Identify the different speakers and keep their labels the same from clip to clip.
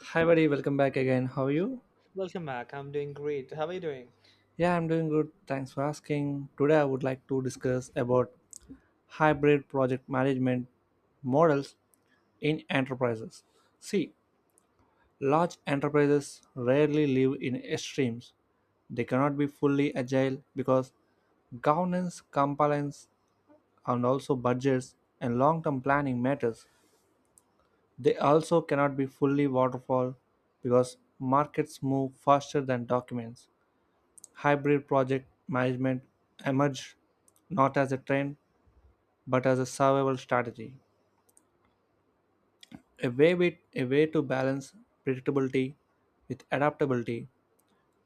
Speaker 1: Hi, buddy. Welcome back again. How are you?
Speaker 2: Welcome back. I'm doing great. How are you doing?
Speaker 1: Yeah, I'm doing good. Thanks for asking. Today, I would like to discuss about hybrid project management models in enterprises. See, large enterprises rarely live in extremes. They cannot be fully agile because governance, compliance, and also budgets and long-term planning matters. They also cannot be fully waterfall because markets move faster than documents. Hybrid project management emerged not as a trend but as a survival strategy, a way to balance predictability with adaptability,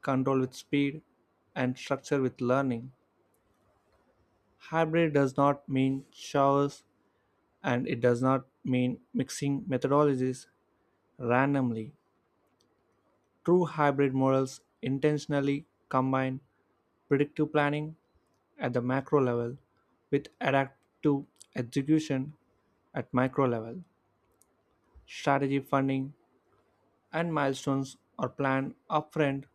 Speaker 1: control with speed, and structure with learning. Hybrid does not mean showers and it does not mean mixing methodologies randomly. True hybrid models intentionally combine predictive planning at the macro level with adaptive execution at micro level. Strategy funding and milestones are planned upfront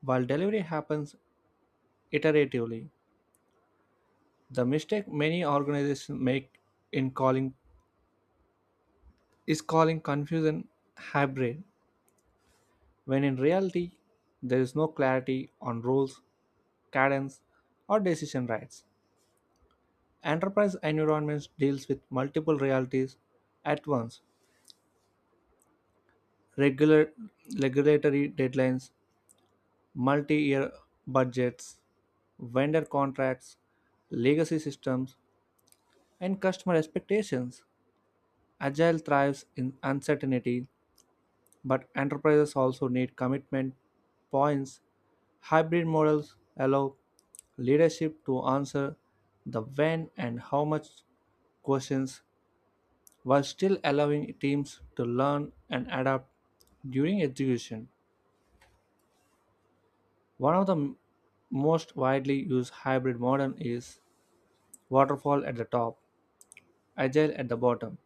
Speaker 1: while delivery happens iteratively. The mistake many organizations make in calling is calling confusion hybrid when in reality there is no clarity on roles, cadence, or decision rights. Enterprise environments deals with multiple realities at once, regular regulatory deadlines, multi-year budgets, vendor contracts, legacy systems, and customer expectations. Agile thrives in uncertainty, but enterprises also need commitment points. Hybrid models allow leadership to answer the when and how much questions while still allowing teams to learn and adapt during execution. One of the most widely used hybrid model is waterfall at the top, agile at the bottom.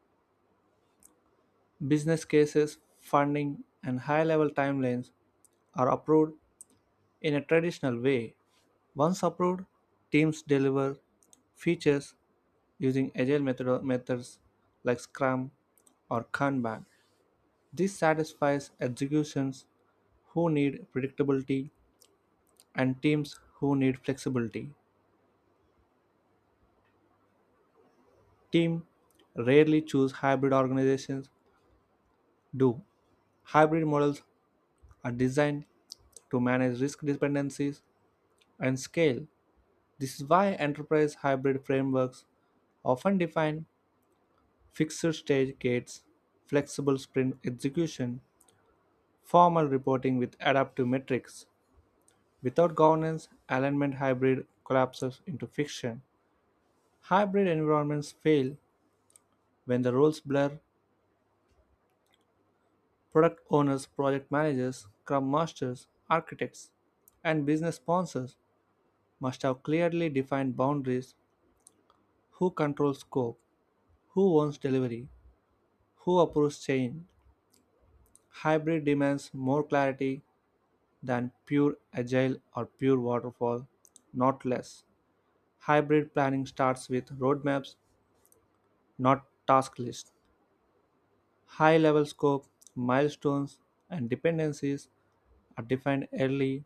Speaker 1: Business cases, funding, and high level timelines are approved in a traditional way. Once approved, teams deliver features using agile methods like Scrum or Kanban. This satisfies executions who need predictability and teams who need flexibility. Teams rarely choose hybrid, organizations do. Hybrid models are designed to manage risk dependencies and scale. This is why enterprise hybrid frameworks often define fixed stage gates, flexible sprint execution, formal reporting with adaptive metrics. Without governance, alignment hybrid collapses into fiction. Hybrid environments fail when the roles blur. Product owners, project managers, scrum masters, architects, and business sponsors must have clearly defined boundaries: who controls scope, who owns delivery, who approves change. Hybrid demands more clarity than pure agile or pure waterfall, not less. Hybrid planning starts with roadmaps, not task lists. High level scope, milestones, and dependencies are defined early.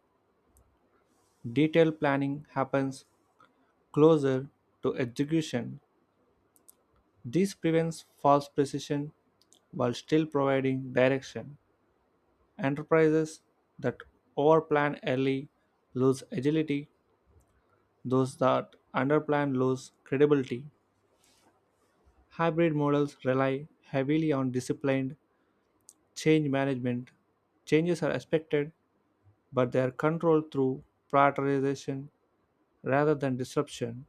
Speaker 1: Detailed planning happens closer to execution. This prevents false precision while still providing direction. Enterprises that overplan early lose agility, those that underplan lose credibility. Hybrid models rely heavily on disciplined change management. Changes are expected, but they are controlled through prioritization rather than disruption.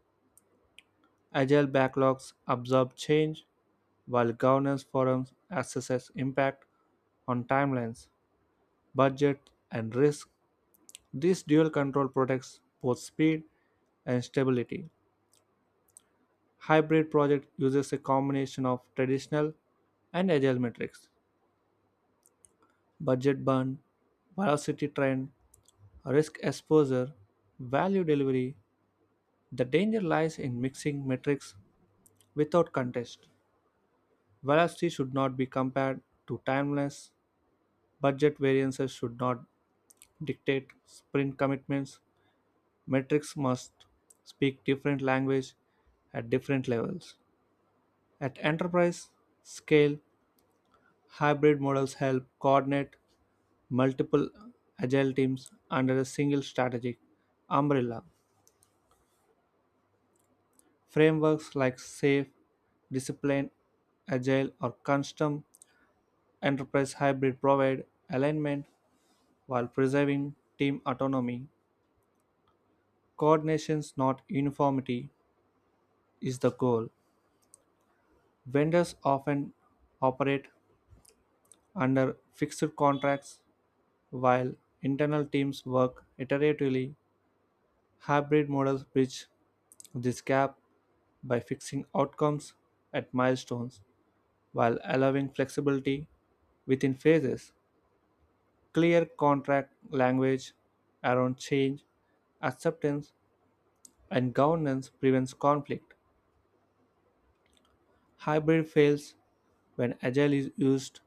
Speaker 1: Agile backlogs absorb change, while governance forums assess impact on timelines, budget, and risk. This dual control protects both speed and stability. Hybrid project uses a combination of traditional and agile metrics, budget burn, velocity trend, risk exposure, value delivery. The danger lies in mixing metrics without context. Velocity should not be compared to timelines. Budget variances should not dictate sprint commitments. Metrics must speak different language at different levels. At enterprise scale, hybrid models help coordinate multiple agile teams under a single strategic umbrella. Frameworks like SAFe, Discipline, Agile, or Custom Enterprise Hybrid provide alignment while preserving team autonomy. Coordination, not uniformity, is the goal. Vendors often operate under fixed contracts, while internal teams work iteratively. Hybrid models bridge this gap by fixing outcomes at milestones while allowing flexibility within phases. Clear contract language around change, acceptance, and governance prevents conflict. Hybrid fails when agile is used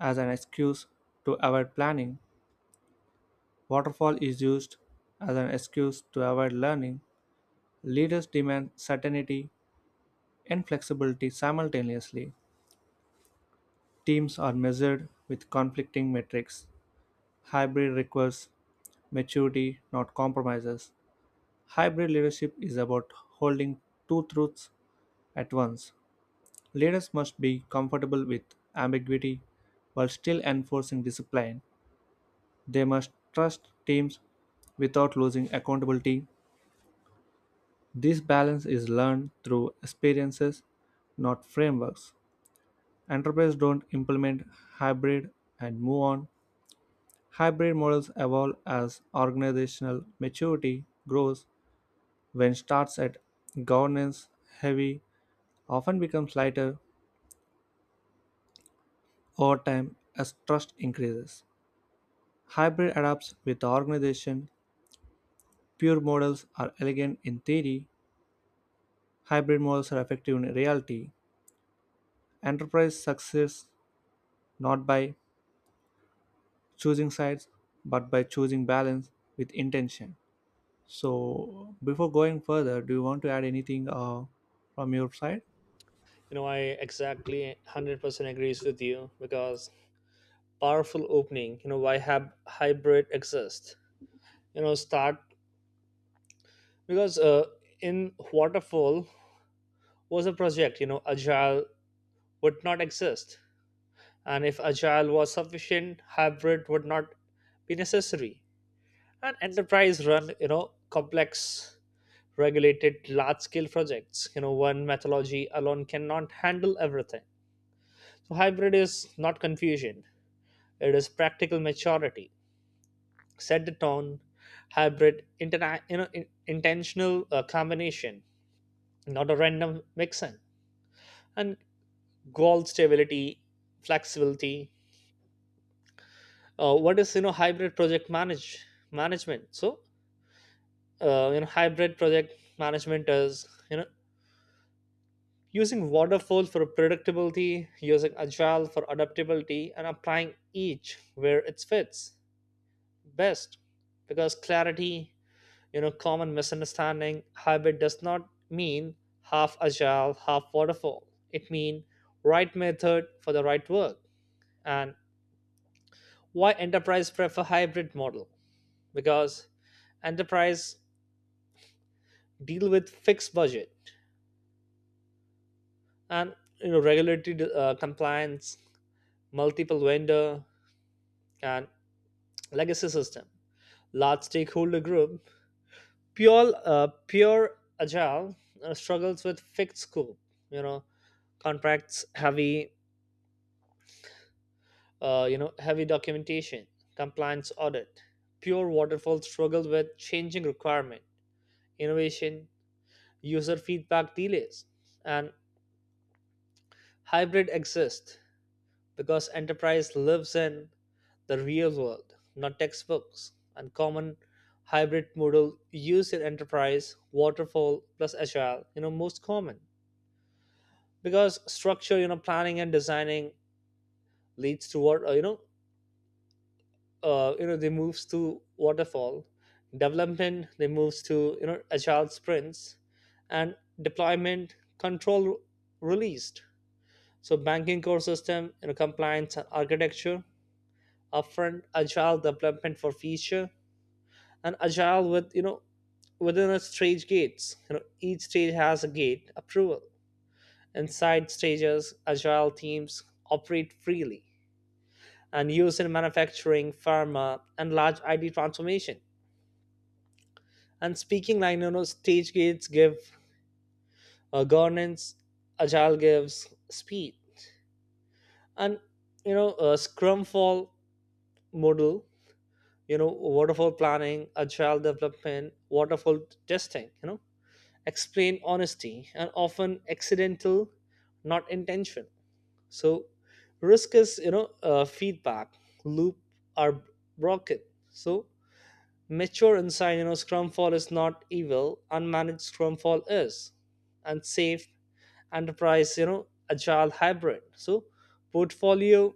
Speaker 1: as an excuse to avoid planning. Waterfall is used as an excuse to avoid learning. Leaders demand certainty and flexibility simultaneously. Teams are measured with conflicting metrics. Hybrid requires maturity, not compromises. Hybrid leadership is about holding two truths at once. Leaders must be comfortable with ambiguity while still enforcing discipline. They must trust teams without losing accountability. This balance is learned through experiences, not frameworks. Enterprises don't implement hybrid and move on. Hybrid models evolve as organizational maturity grows. When starts at governance heavy, often becomes lighter over time as trust increases. Hybrid adapts with the organization. Pure models are elegant in theory. Hybrid models are effective in reality. Enterprise succeeds not by choosing sides, but by choosing balance with intention. So, before going further, do you want to add anything from your side?
Speaker 2: I exactly 100% agrees with you, because powerful opening, why have hybrid exist, start, because in waterfall was a project, agile would not exist, and if agile was sufficient hybrid would not be necessary. And enterprise run, complex regulated large scale projects, one methodology alone cannot handle everything. So hybrid is not confusion; it is practical maturity. Set the tone. Hybrid, intentional combination, not a random mixin. And goal stability, flexibility. What is, hybrid project management? So hybrid project management is, using waterfall for predictability, using agile for adaptability, and applying each where it fits best, because clarity, common misunderstanding, hybrid does not mean half agile half waterfall, it means right method for the right work. And why enterprise prefer hybrid model? Because enterprise deal with fixed budget, and regulatory compliance, multiple vendor, and legacy system, large stakeholder group. pure uh, pure agile struggles with fixed scope, you know contracts heavy, heavy documentation, compliance audit. Pure waterfall struggled with changing requirement, innovation, user feedback delays. And hybrid exists because enterprise lives in the real world, not textbooks. And common hybrid model used in enterprise, waterfall plus agile, most common, because structure, planning and designing leads toward they moves to waterfall, development they moves to, agile sprints, and deployment control released. So banking core system, compliance and architecture upfront, agile development for feature, and agile with, within a stage gates, each stage has a gate approval, inside stages agile teams operate freely, and used in manufacturing pharma and large id transformation. And speaking like, stage gates give governance, agile gives speed, and, Scrum fall model, waterfall planning, agile development, waterfall testing, explain honesty and often accidental, not intention. So risk is, feedback loop are broken. So mature insight, scrum fall is not evil, unmanaged scrum fall is. And safe enterprise, agile hybrid, so portfolio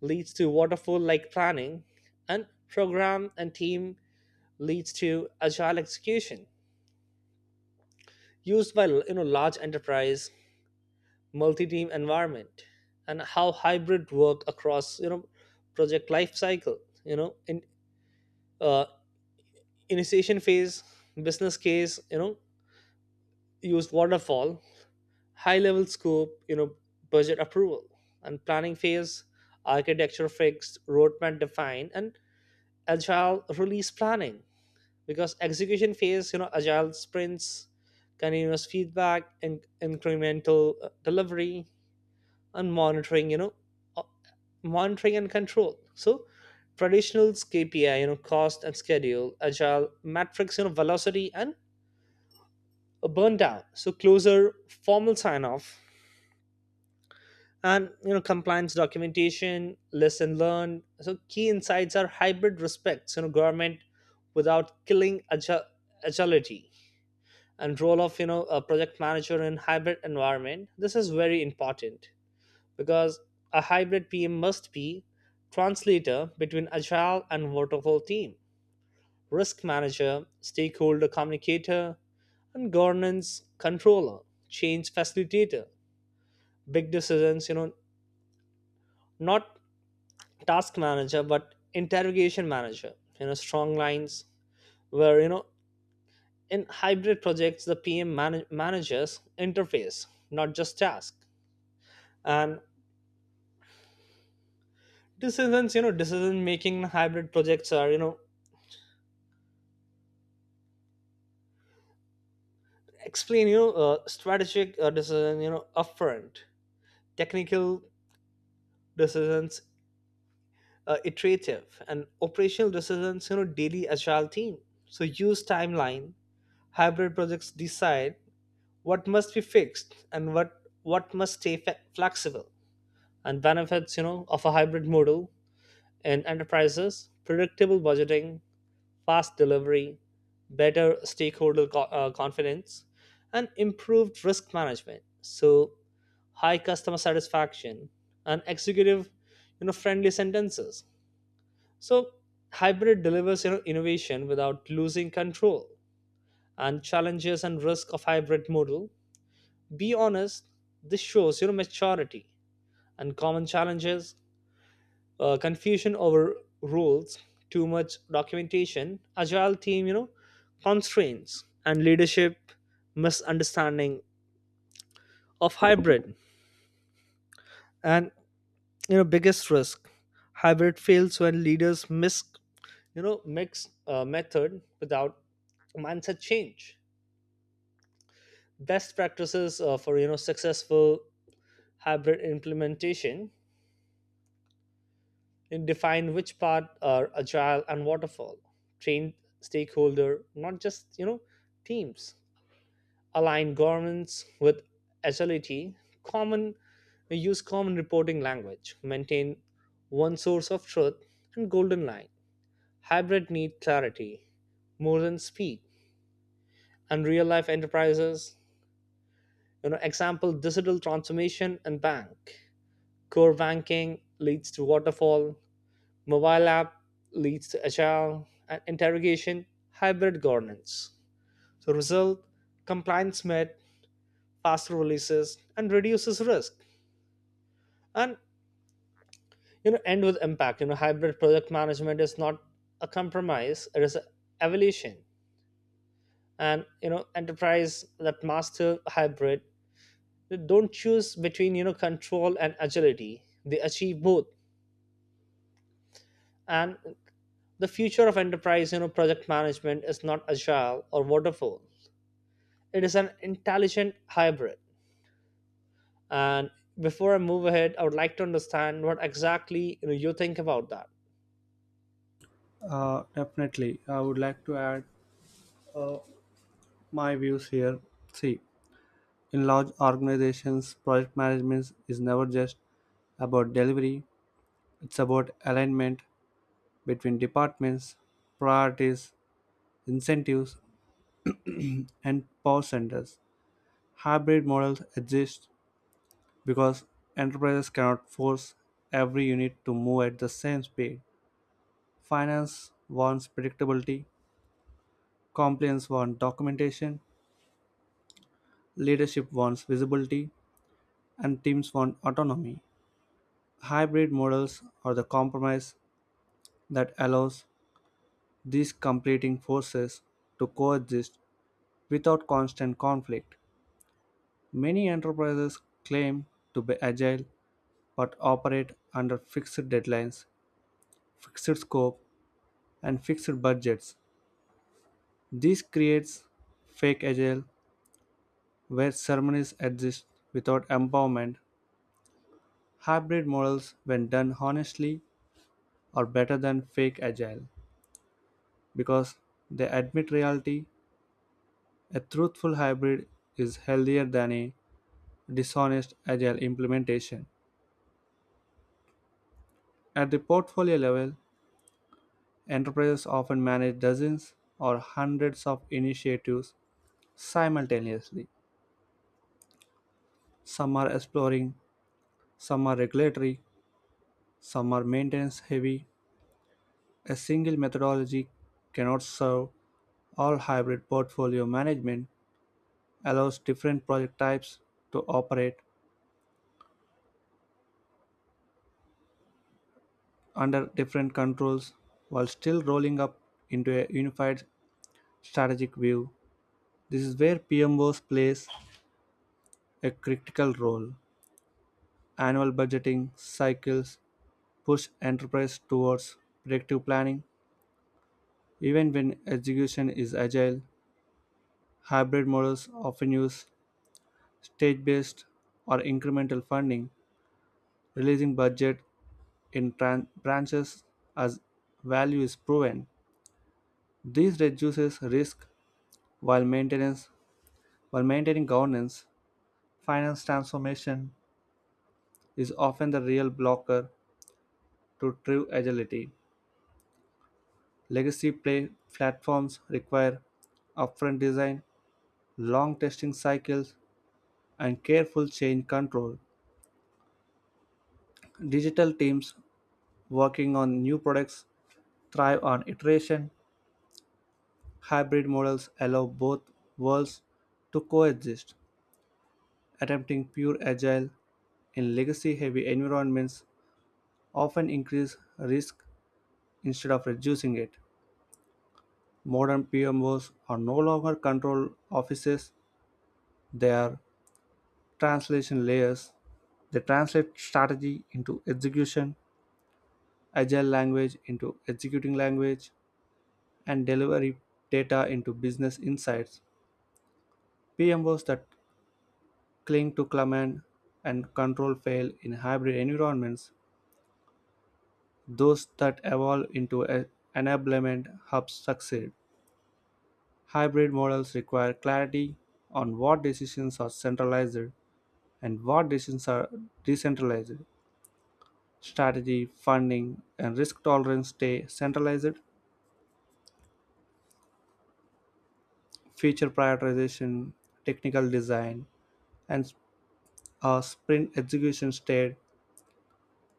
Speaker 2: leads to waterfall like planning, and program and team leads to agile execution, used by, large enterprise multi-team environment. And how hybrid work across, project life cycle, in uh, initiation phase, business case, use waterfall, high level scope, budget approval, and planning phase, architecture fixed, roadmap defined, and agile release planning. Because execution phase, agile sprints, continuous feedback, and incremental delivery. And monitoring, uh, monitoring and control. So traditionals kpi, cost and schedule, agile metrics, velocity and a burn down. So closer formal sign off, and, compliance documentation, lesson learned. So key insights are: hybrid respects, government without killing agility. And role of, a project manager in hybrid environment, this is very important because a hybrid pm must be translator between agile and waterfall team, risk manager, stakeholder communicator, and governance controller, change facilitator, big decisions, not task manager but interrogation manager, strong lines, where, in hybrid projects the pm managers interface not just task. And decisions, decision making in hybrid projects are, explain, strategic decision, upfront, technical decisions iterative, and operational decisions, daily agile team. So use timeline, hybrid projects decide what must be fixed, and what must stay flexible. And benefits, of a hybrid model in enterprises: predictable budgeting, fast delivery, better stakeholder confidence, and improved risk management. So high customer satisfaction, and executive, friendly sentences. So hybrid delivers, innovation without losing control. And challenges and risk of hybrid model, be honest, this shows your maturity. And common challenges: confusion over rules, too much documentation, agile team, constraints, and leadership misunderstanding of hybrid. And, biggest risk, hybrid fails when leaders miss, mix method without mindset change. Best practices for, successful hybrid implementation: it defined which part are agile and waterfall, trained stakeholder, not just, teams, align governments with agility, common use common reporting language, maintain one source of truth, and golden line. Hybrid need clarity more than speed. And real life enterprises, example digital transformation and bank. Core banking leads to waterfall, mobile app leads to agile and interrogation hybrid governance. So result, compliance met, faster releases, and reduces risk. And, end with impact. Hybrid project management is not a compromise; it is an evolution. And, enterprise that master hybrid, they don't choose between, control and agility. They achieve both. And the future of enterprise, project management is not agile or waterfall, it is an intelligent hybrid. And before I move ahead, I would like to understand what exactly you think about that.
Speaker 1: Definitely. I would like to add uh, my views here. See, in large organizations, project management is never just about delivery, it's about alignment between departments, priorities, incentives, and power centers. Hybrid models exist because enterprises cannot force every unit to move at the same speed. Finance wants predictability, compliance wants documentation, leadership wants visibility, and teams want autonomy. Hybrid models are the compromise that allows these competing forces to coexist without constant conflict. Many enterprises claim to be agile but operate under fixed deadlines, fixed scope, and fixed budgets. This creates fake agile where ceremonies exist without empowerment. Hybrid models, when done honestly, are better than fake agile because they admit reality. A truthful hybrid is healthier than a dishonest agile implementation. At the portfolio level, enterprises often manage dozens or hundreds of initiatives simultaneously. Some are exploring, some are regulatory, some are maintenance heavy. A single methodology cannot serve all hybrid portfolio management allows different project types to operate under different controls while still rolling up into a unified strategic view. This is where PMOs plays a critical role. Annual budgeting cycles push enterprise towards predictive planning even when execution is agile. Hybrid models often use stage-based or incremental funding, releasing budget in branches as value is proven. This reduces risk while maintenance while maintaining governance. Finance transformation is often the real blocker to true agility. Legacy play platforms require upfront design, long testing cycles, and careful change control. Digital teams working on new products thrive on iteration. Hybrid models allow both worlds to coexist. Attempting pure agile in legacy heavy environments often increase risk instead of reducing it. Modern PMOs are no longer control offices, they are translation layers. They translate strategy into execution, agile language into executing language, and delivery data into business insights. PMOs that cling to command and control fail in hybrid environments. Those that evolve into enablement hubs succeed. Hybrid models require clarity on what decisions are centralized and what decisions are decentralized. Strategy, funding, and risk tolerance stay centralized. Feature prioritization, technical design, and sprint execution stay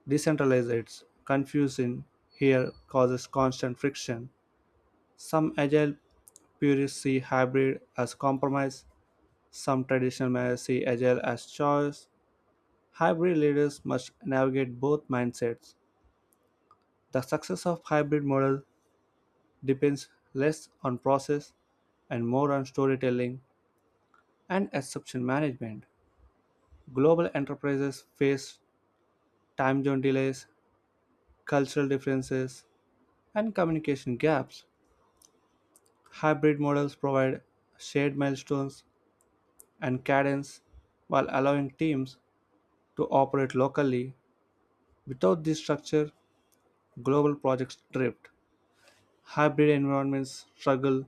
Speaker 1: decentralized. It's confusing here causes constant friction. Some agile purists see hybrid as compromise. Some traditional managers see agile as choice. Hybrid leaders must navigate both mindsets. The success of hybrid model depends less on process and more on storytelling and exception management. Global enterprises face time zone delays, cultural differences, and communication gaps. Hybrid models provide shared milestones and cadence while allowing teams to operate locally. Without this structure, global projects drift. Hybrid environments struggle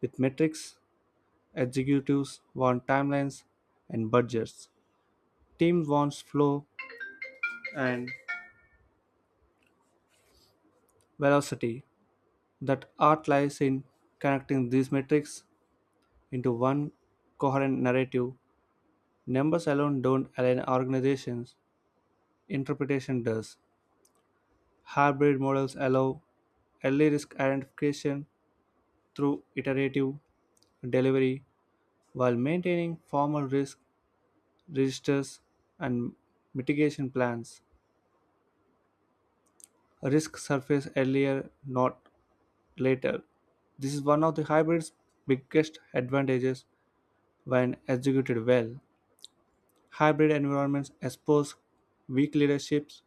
Speaker 1: with metrics, executives want timelines and budgets. Teams want flow and velocity. That art lies in connecting these metrics into one coherent narrative. Numbers alone don't align organizations, interpretation does. Hybrid models allow early risk identification through iterative delivery while maintaining formal risk registers and mitigation plans. Risk surface earlier, not later. This is one of the hybrid's biggest advantages when executed well. Hybrid environments expose weak leaderships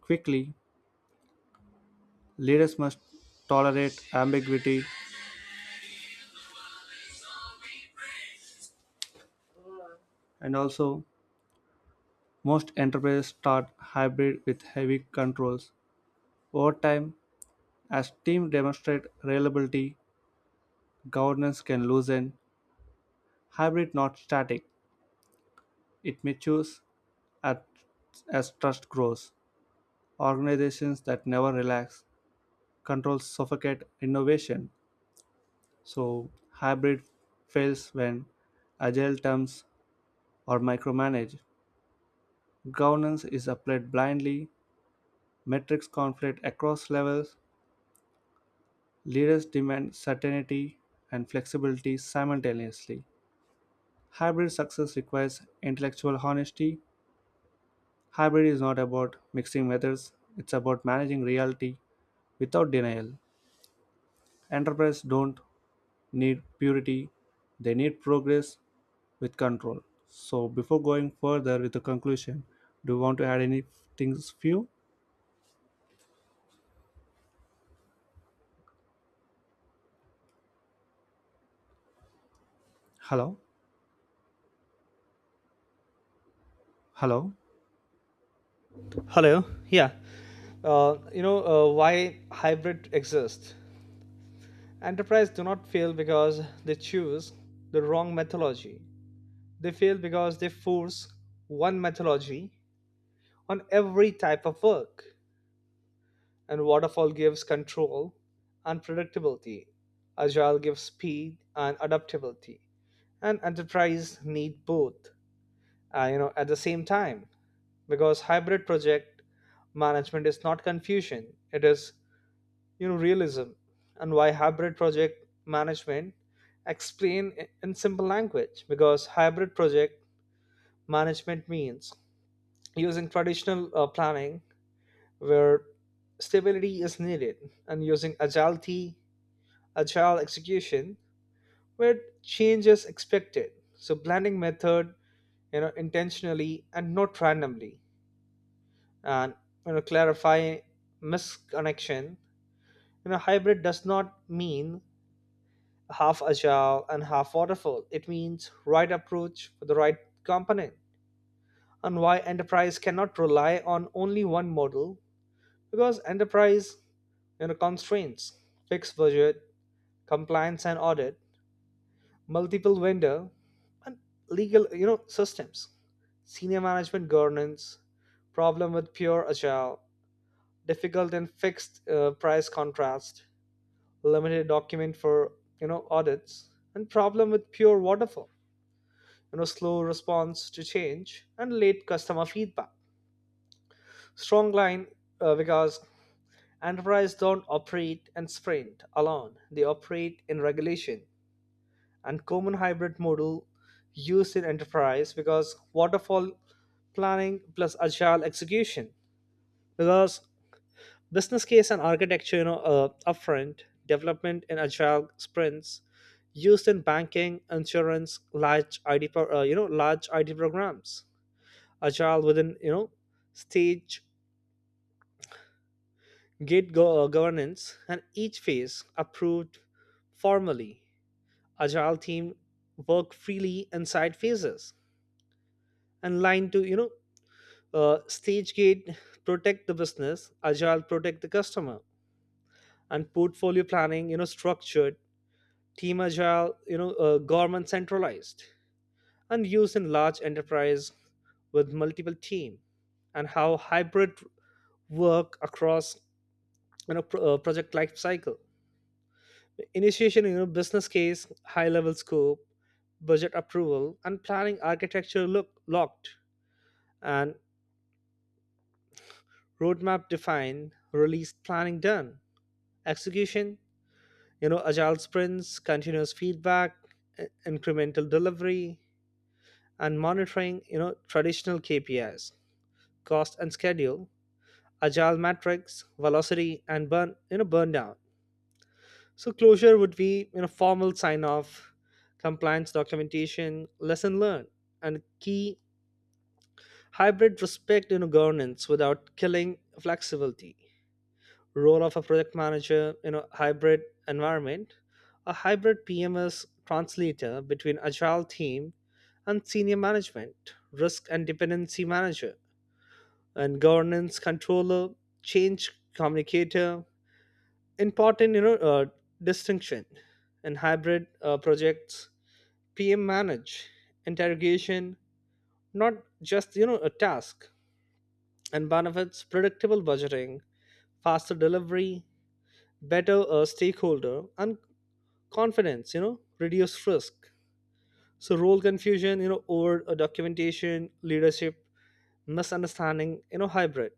Speaker 1: quickly. Leaders must tolerate ambiguity, and also, most enterprises start hybrid with heavy controls. Over time, as teams demonstrate reliability, governance can loosen. Hybrid not static, it matures at, as trust grows. Organizations that never relax, controls suffocate innovation. So hybrid fails when agile terms are micromanaged. Governance is applied blindly, metrics conflict across levels, leaders demand certainty and flexibility simultaneously. Hybrid success requires intellectual honesty. Hybrid is not about mixing methods, it's about managing reality without denial. Enterprises don't need purity, they need progress with control. So before going further with the conclusion, do you want to add any things few? Hello? Hello?
Speaker 2: Hello. Yeah. Why hybrid exists. Enterprises do not fail because they choose the wrong methodology. They fail because they force one methodology on every type of work. And waterfall gives control and agility, agile gives speed and adaptability. And enterprise both, at the same time, because hybrid management fusion, it is, realism. And why hybrid project management? Explain in simple language, because hybrid project management means using traditional planning where stability is needed, and using agility agile execution where change is expected. So blending method, intentionally and not randomly. And, clarify misconnection, hybrid does not mean half agile and half waterfall, it means right approach for the right component. And why enterprise cannot rely on only one model? Because enterprise, constraints, fixed budget, compliance and audit, multiple vendor, and legal, systems, senior management governance. Problem with pure agile: difficult and fixed price contrast, limited document for, audits. And problem with pure waterfall, slow response to change and late customer feedback. Strong line, because enterprise don't operate and sprint alone, they operate in regulation. And common hybrid model used in enterprise, because waterfall planning plus agile execution, because business case and architecture, upfront development in agile sprints, used in banking insurance large id large id programs. Agile within, stage governance, and each phase approved formally, agile team work freely inside phases. And line to, stage gate protect the business, agile protect the customer. And portfolio planning, structured, team agile, government centralized, and used in large enterprise with multiple team. And how hybrid work across, project life cycle, initiation, business case, high level scope, budget approval, and planning, architecture look locked, and roadmap defined, release planning done. Execution, agile sprints, continuous feedback, incremental delivery. And monitoring, traditional KPIs, cost and schedule, agile metrics, velocity and burn burn down. So closure would be, formal sign off, compliance documentation, lesson learned. And key, hybrid respect, governance without killing flexibility. Role of a project manager, hybrid environment, a hybrid PMS translator between agile team and senior management, risk and dependency manager and governance controller, change communicator important, distinction. And hybrid projects pm manage interrogation, not just, a task. And benefits: predictable budgeting, faster delivery, better stakeholder and confidence, reduced risk. So role confusion, over documentation, leadership misunderstanding, hybrid.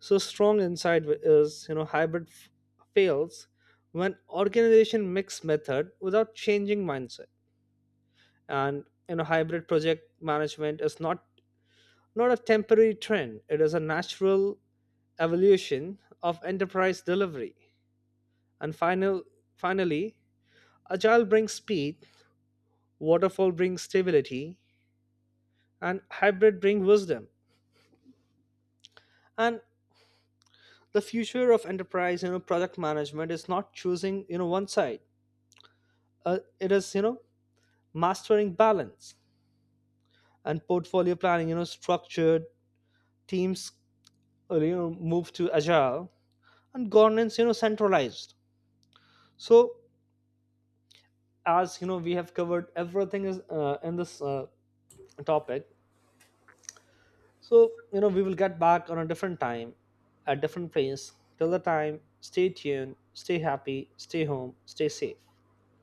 Speaker 2: So strong insight is, hybrid fails when organization mix method without changing mindset. And, hybrid project management is not a temporary trend. It is a natural evolution of enterprise delivery. And finally, agile brings speed, waterfall brings stability, and hybrid brings wisdom. And the future of enterprise, product management is not choosing, one side, it is, mastering balance. And portfolio planning, structured teams, move to agile, and governance, centralized. So as, we have covered everything is in this topic, so, we will get back on a different time at different place. Till the time, stay tuned, stay happy, stay home, stay safe.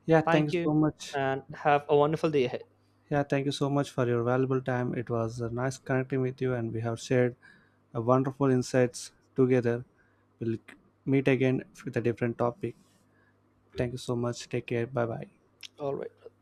Speaker 1: Yeah, thank
Speaker 2: Thank
Speaker 1: you so
Speaker 2: you,
Speaker 1: much.
Speaker 2: and have a wonderful day ahead.
Speaker 1: Yeah, thank you so much for your valuable time. It was nice connecting with you and we have shared a wonderful insights together. We'll meet again with a different topic. Thank you so much. Take care. Bye bye.
Speaker 2: All right.